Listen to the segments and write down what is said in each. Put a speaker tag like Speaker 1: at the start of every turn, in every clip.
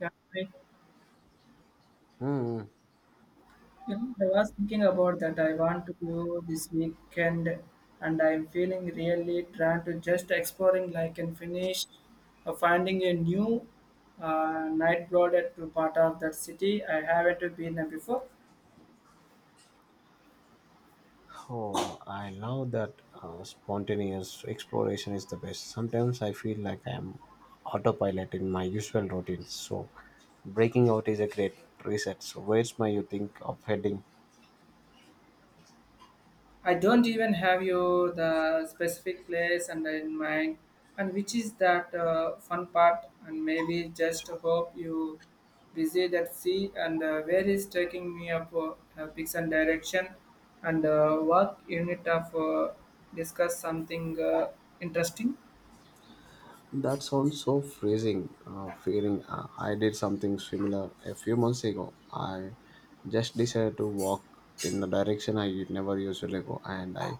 Speaker 1: Yeah, I,
Speaker 2: Hmm.
Speaker 1: I was thinking about that. I want to go this weekend, and I'm feeling really trying to just exploring like and finish finding a new night blooded to part of that city. I haven't been there before.
Speaker 2: Oh, I love that spontaneous exploration is the best. Sometimes I feel like I am autopilot in my usual routines. So, breaking out is a great reset. So, where's my you think of heading?
Speaker 1: I don't even have your the specific place and in mind, and which is that fun part, and maybe just hope you visit that sea and where is taking me up picks and direction and work unit of discuss something interesting.
Speaker 2: That sounds so freezing. Feeling I did something similar a few months ago. I just decided to walk in the direction I never usually go, and I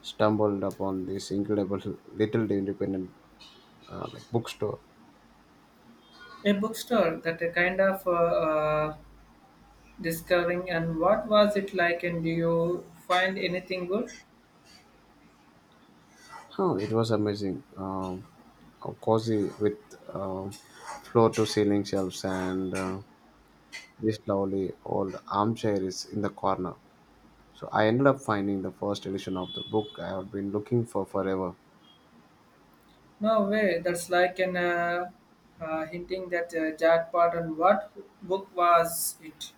Speaker 2: stumbled upon this incredible little independent bookstore.
Speaker 1: A bookstore that a kind of discovering and what was it like and do you find anything good?
Speaker 2: Oh, it was amazing. How cozy with um, floor to ceiling shelves and this lovely old armchair is in the corner. So I ended up finding the first edition of the book I had been looking for forever.
Speaker 1: No way. That's like an hinting that jackpot. And what book was it?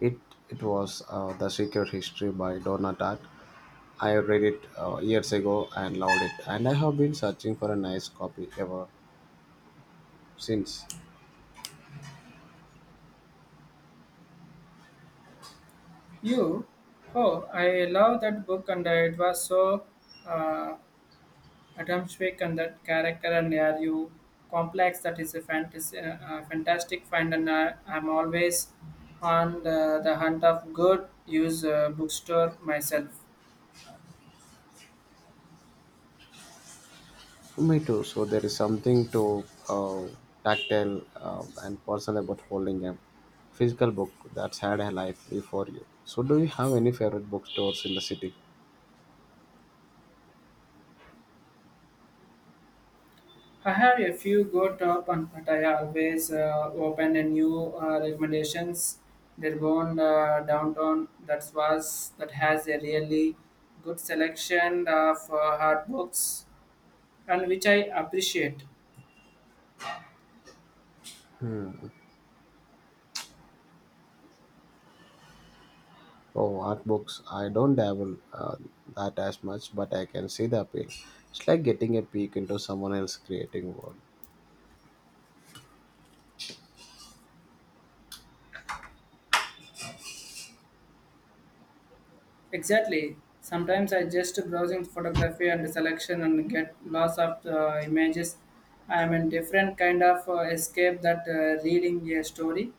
Speaker 2: It it was The Secret History by Donna Tartt. I read it years ago and loved it, and I have been searching for a nice copy ever since.
Speaker 1: You? Oh, I love that book, and it was so uh, atmospheric and that character and are you complex. That is a fantasy, fantastic find, and I'm always on the hunt of good use bookstore myself.
Speaker 2: Me too. So there is something to tactile and personal about holding a physical book that's had a life before you. So do you have any favorite bookstores in the city?
Speaker 1: I have a few good top, and but I always open a new recommendations. There one downtown that was that has a really good selection of hard books, and which I appreciate.
Speaker 2: Oh, art books. I don't dabble that as much, but I can see the appeal. It's like getting a peek into someone else's creating world.
Speaker 1: Exactly. Sometimes I just browsing photography and selection and get lots of images. I am in different kind of escape that reading a story.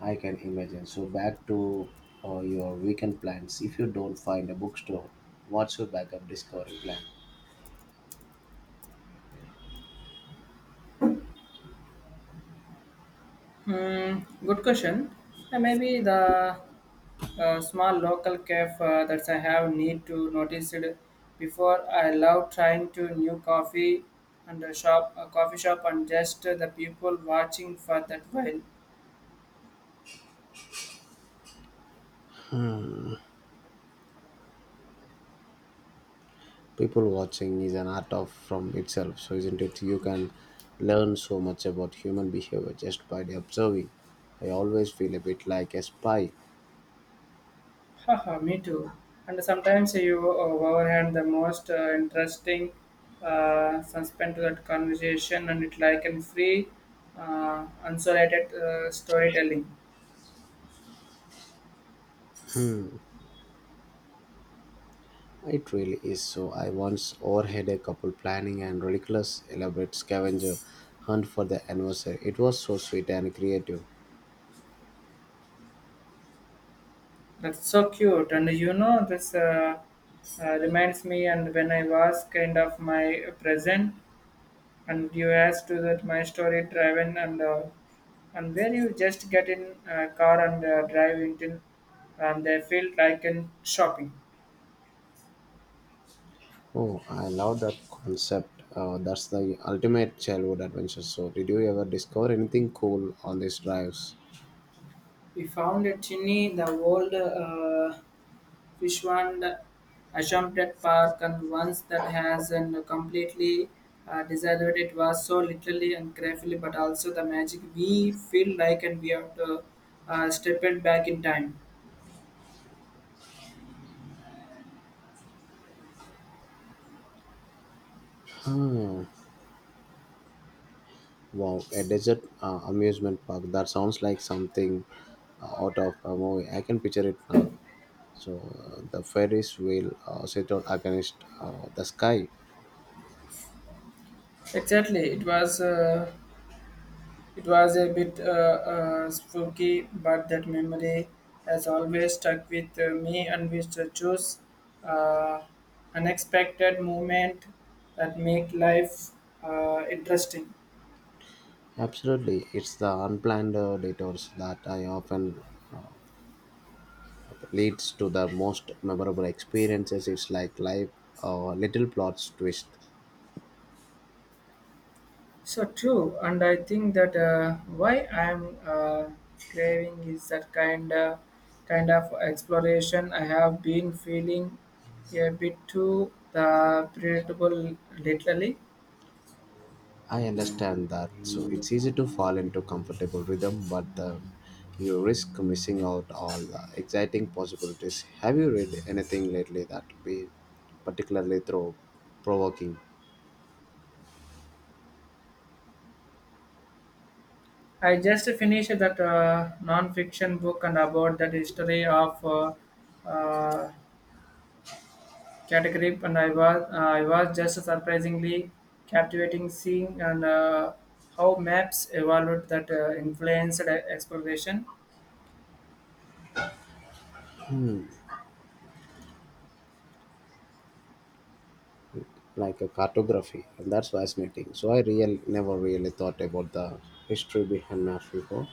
Speaker 2: I can imagine. So back to your weekend plans. If you don't find a bookstore, what's your backup discovery plan?
Speaker 1: Hmm, good question. And maybe the small local cafe that I have need to notice it before. I love trying to new coffee and a shop, a coffee shop, and just the people watching for that while.
Speaker 2: People watching is an art of from itself, so isn't it you can learn so much about human behavior just by the observing. I always feel a bit like a spy.
Speaker 1: Haha, me too. And sometimes you overhand the most interesting suspend to that conversation, and it like a free, unsolated storytelling.
Speaker 2: It really is. So I once overheard a couple planning and ridiculous elaborate scavenger hunt for the anniversary. It was so sweet and creative.
Speaker 1: That's so cute. This reminds me, and when I was kind of my present, and you asked to that my story driving and where you just get in a car and drive until and they feel like in shopping.
Speaker 2: Oh, I love that concept. That's the ultimate childhood adventure. So did you ever discover anything cool on these drives?
Speaker 1: We found a chimney in the old Fishwand Assumpted Park, and once that has and completely decided it was so literally and carefully, but also the magic we feel like and we have to step it back in time.
Speaker 2: Wow, a desert amusement park. That sounds like something out of a movie. I can picture it now. So the Ferris wheel set out against the sky.
Speaker 1: Exactly, it was. It was a bit spooky, but that memory has always stuck with me and we to choose uh, unexpected moment that make life interesting.
Speaker 2: Absolutely, it's the unplanned detours that I often leads to the most memorable experiences. It's like life, little plots twist.
Speaker 1: So true, and I think that why I'm craving is that kind of exploration. I have been feeling a bit too the predictable lately.
Speaker 2: I understand that. So it's easy to fall into comfortable rhythm, but you risk missing out all the exciting possibilities. Have you read anything lately that be particularly through provoking,
Speaker 1: I just finished that non-fiction book and about that history of uh, category, and I was just surprisingly captivating seeing and how maps evolved that influenced exploration.
Speaker 2: like a cartography? And that's fascinating. So I real never really thought about the history behind maps before.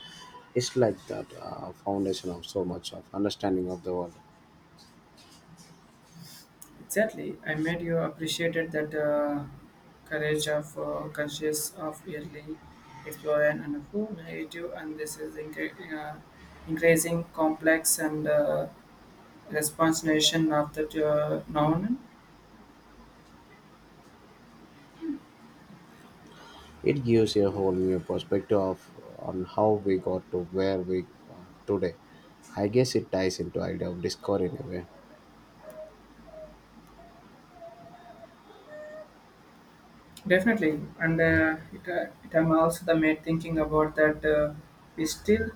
Speaker 2: It's like that foundation of so much of understanding of the world.
Speaker 1: Exactly, I made you appreciated that courage of conscious of early exploring and who made you, and this is increasing complex and. Response nation of that noun
Speaker 2: It gives a whole new perspective of, on how we got to where we are today. I guess it ties into idea of discovery in a way.
Speaker 1: definitely and it, it I'm also the made thinking about that we still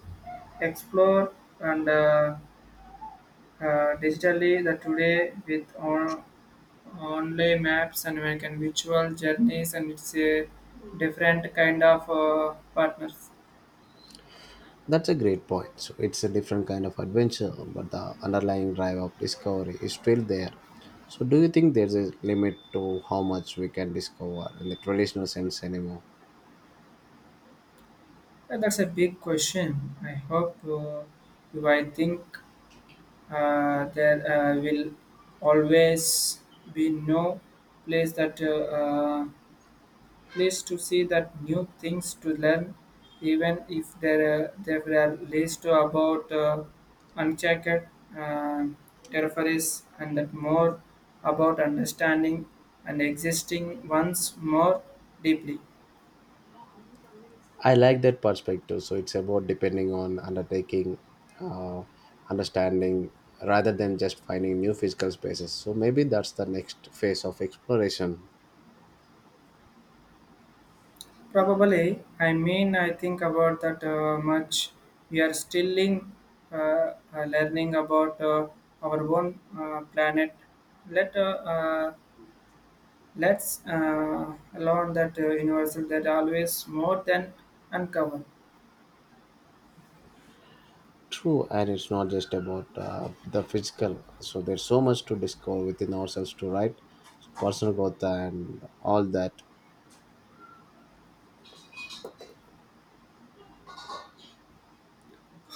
Speaker 1: explore and digitally the today with on online maps and we can virtual journeys and it's a different kind of partners.
Speaker 2: That's a great point. So it's a different kind of adventure, but the underlying drive of discovery is still there. So do you think there's a limit to how much we can discover in the traditional sense anymore?
Speaker 1: That's a big question. I hope you I think there will always be no place that place to see that new things to learn, even if there are least about unchecked uh, territories and that more about understanding and existing once more deeply.
Speaker 2: I like that perspective. So it's about depending on undertaking, uh, understanding, rather than just finding new physical spaces. So maybe that's the next phase of exploration.
Speaker 1: Probably. I mean, I think about that much. We are still in, learning about our own planet. Let uh, uh, let's learn that universal that always more than uncover.
Speaker 2: True, and it's not just about the physical. So there's so much to discover within ourselves to write, so personal growth, and all that.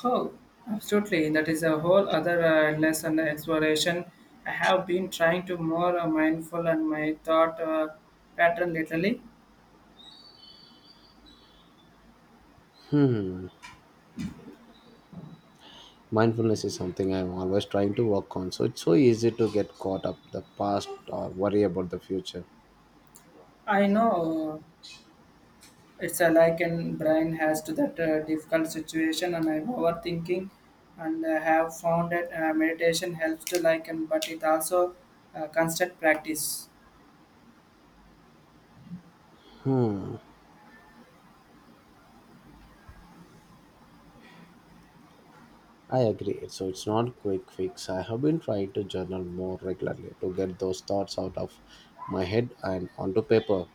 Speaker 1: Oh, absolutely. That is a whole other endless exploration. I have been trying to more mindful and my thought pattern lately.
Speaker 2: Mindfulness is something I'm always trying to work on. So it's so easy to get caught up the past or worry about the future.
Speaker 1: I know it's a like and Brian has to that difficult situation and I'm overthinking and I have found that meditation helps to like and but it also constant practice.
Speaker 2: I agree. So it's not a quick fix. I have been trying to journal more regularly to get those thoughts out of my head and onto paper.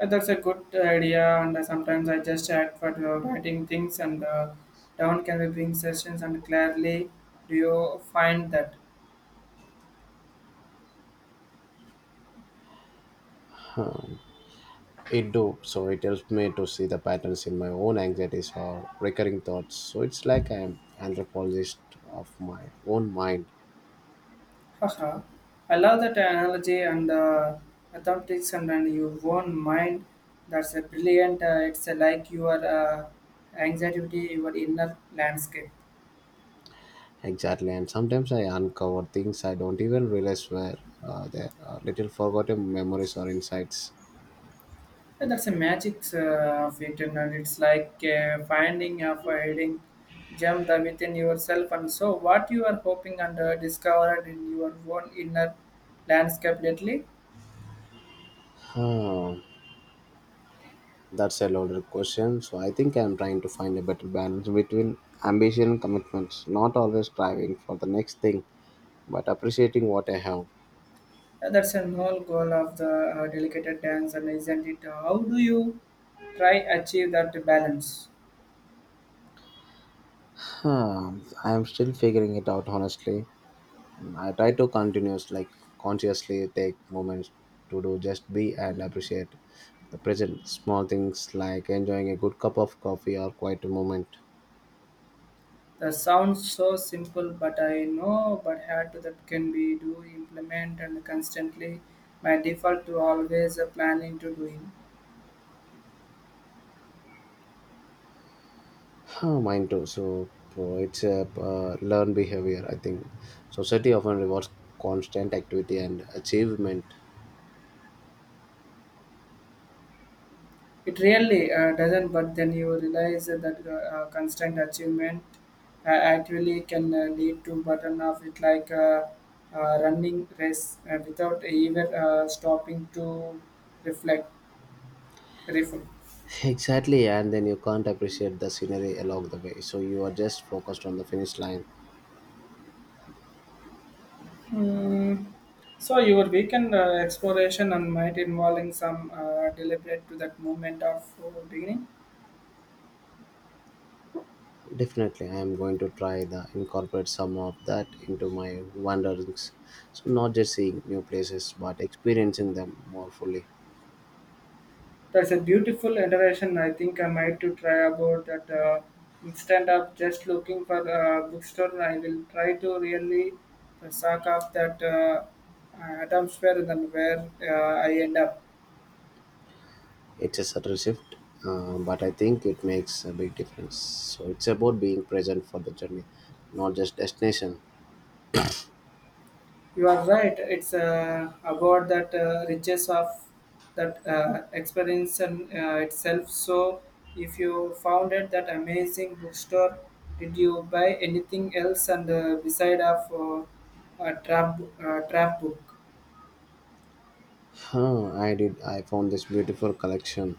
Speaker 1: That's a good idea and sometimes I just add for writing things and down can be bring sessions and clearly do you find that?
Speaker 2: It do, so it helps me to see the patterns in my own anxieties or recurring thoughts. So it's like I'm anthropologist of my own mind.
Speaker 1: Haha, I love that analogy and the mathematics and your own mind. That's a brilliant. It's like your anxiety, your inner landscape.
Speaker 2: Exactly, and sometimes I uncover things I don't even realize were there. Little forgotten memories or insights.
Speaker 1: And that's a magic of it, and it's like finding of a hidden gem that within yourself. And so, what you are hoping and discovered in your own inner landscape lately.
Speaker 2: Huh. That's a loaded question. So I think I'm trying to find a better balance between ambition and commitments, not always striving for the next thing, but appreciating what I have.
Speaker 1: That's a whole goal of the delicate dance, and isn't it? How do you try achieve that balance?
Speaker 2: Hmm, I'm still figuring it out honestly. I try to continuously, like consciously take moments to do just be and appreciate the present small things like enjoying a good cup of coffee or quiet moment.
Speaker 1: That sounds so simple, but I know, but hard to that can be do implement and constantly. My default to always planning to doing.
Speaker 2: Huh, mine too. So bro, it's a learned behavior. I think society often rewards constant activity and achievement.
Speaker 1: It really doesn't, but then you realize that constant achievement actually can lead to button off it like running race without even stopping to reflect. Refill.
Speaker 2: Exactly, and then you can't appreciate the scenery along the way. So you are just focused on the finish line.
Speaker 1: Mm. So your weekend exploration and might involving some deliberate to that moment of beginning.
Speaker 2: Definitely, I am going to try the incorporate some of that into my wanderings. So not just seeing new places, but experiencing them more fully.
Speaker 1: That's a beautiful iteration. I think I might to try about that. Instead of just looking for a bookstore, I will try to really suck up that atmosphere than where I end up.
Speaker 2: It's a subtle shift, but I think it makes a big difference. So it's about being present for the journey, not just destination.
Speaker 1: You are right. It's about that riches of that experience and itself. So, if you found it that amazing bookstore, did you buy anything else and beside of a trap book?
Speaker 2: Huh, I did. I found this beautiful collection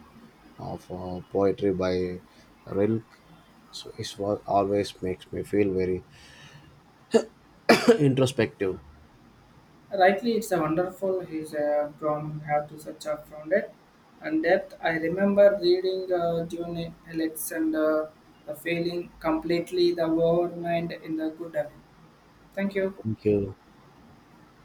Speaker 2: of poetry by Rilke. So his work always makes me feel very introspective.
Speaker 1: Rightly, it's a wonderful. He's from have to such a found it, and that I remember reading June Alexander, the failing completely the world mind in the good. Thank you.
Speaker 2: Thank you.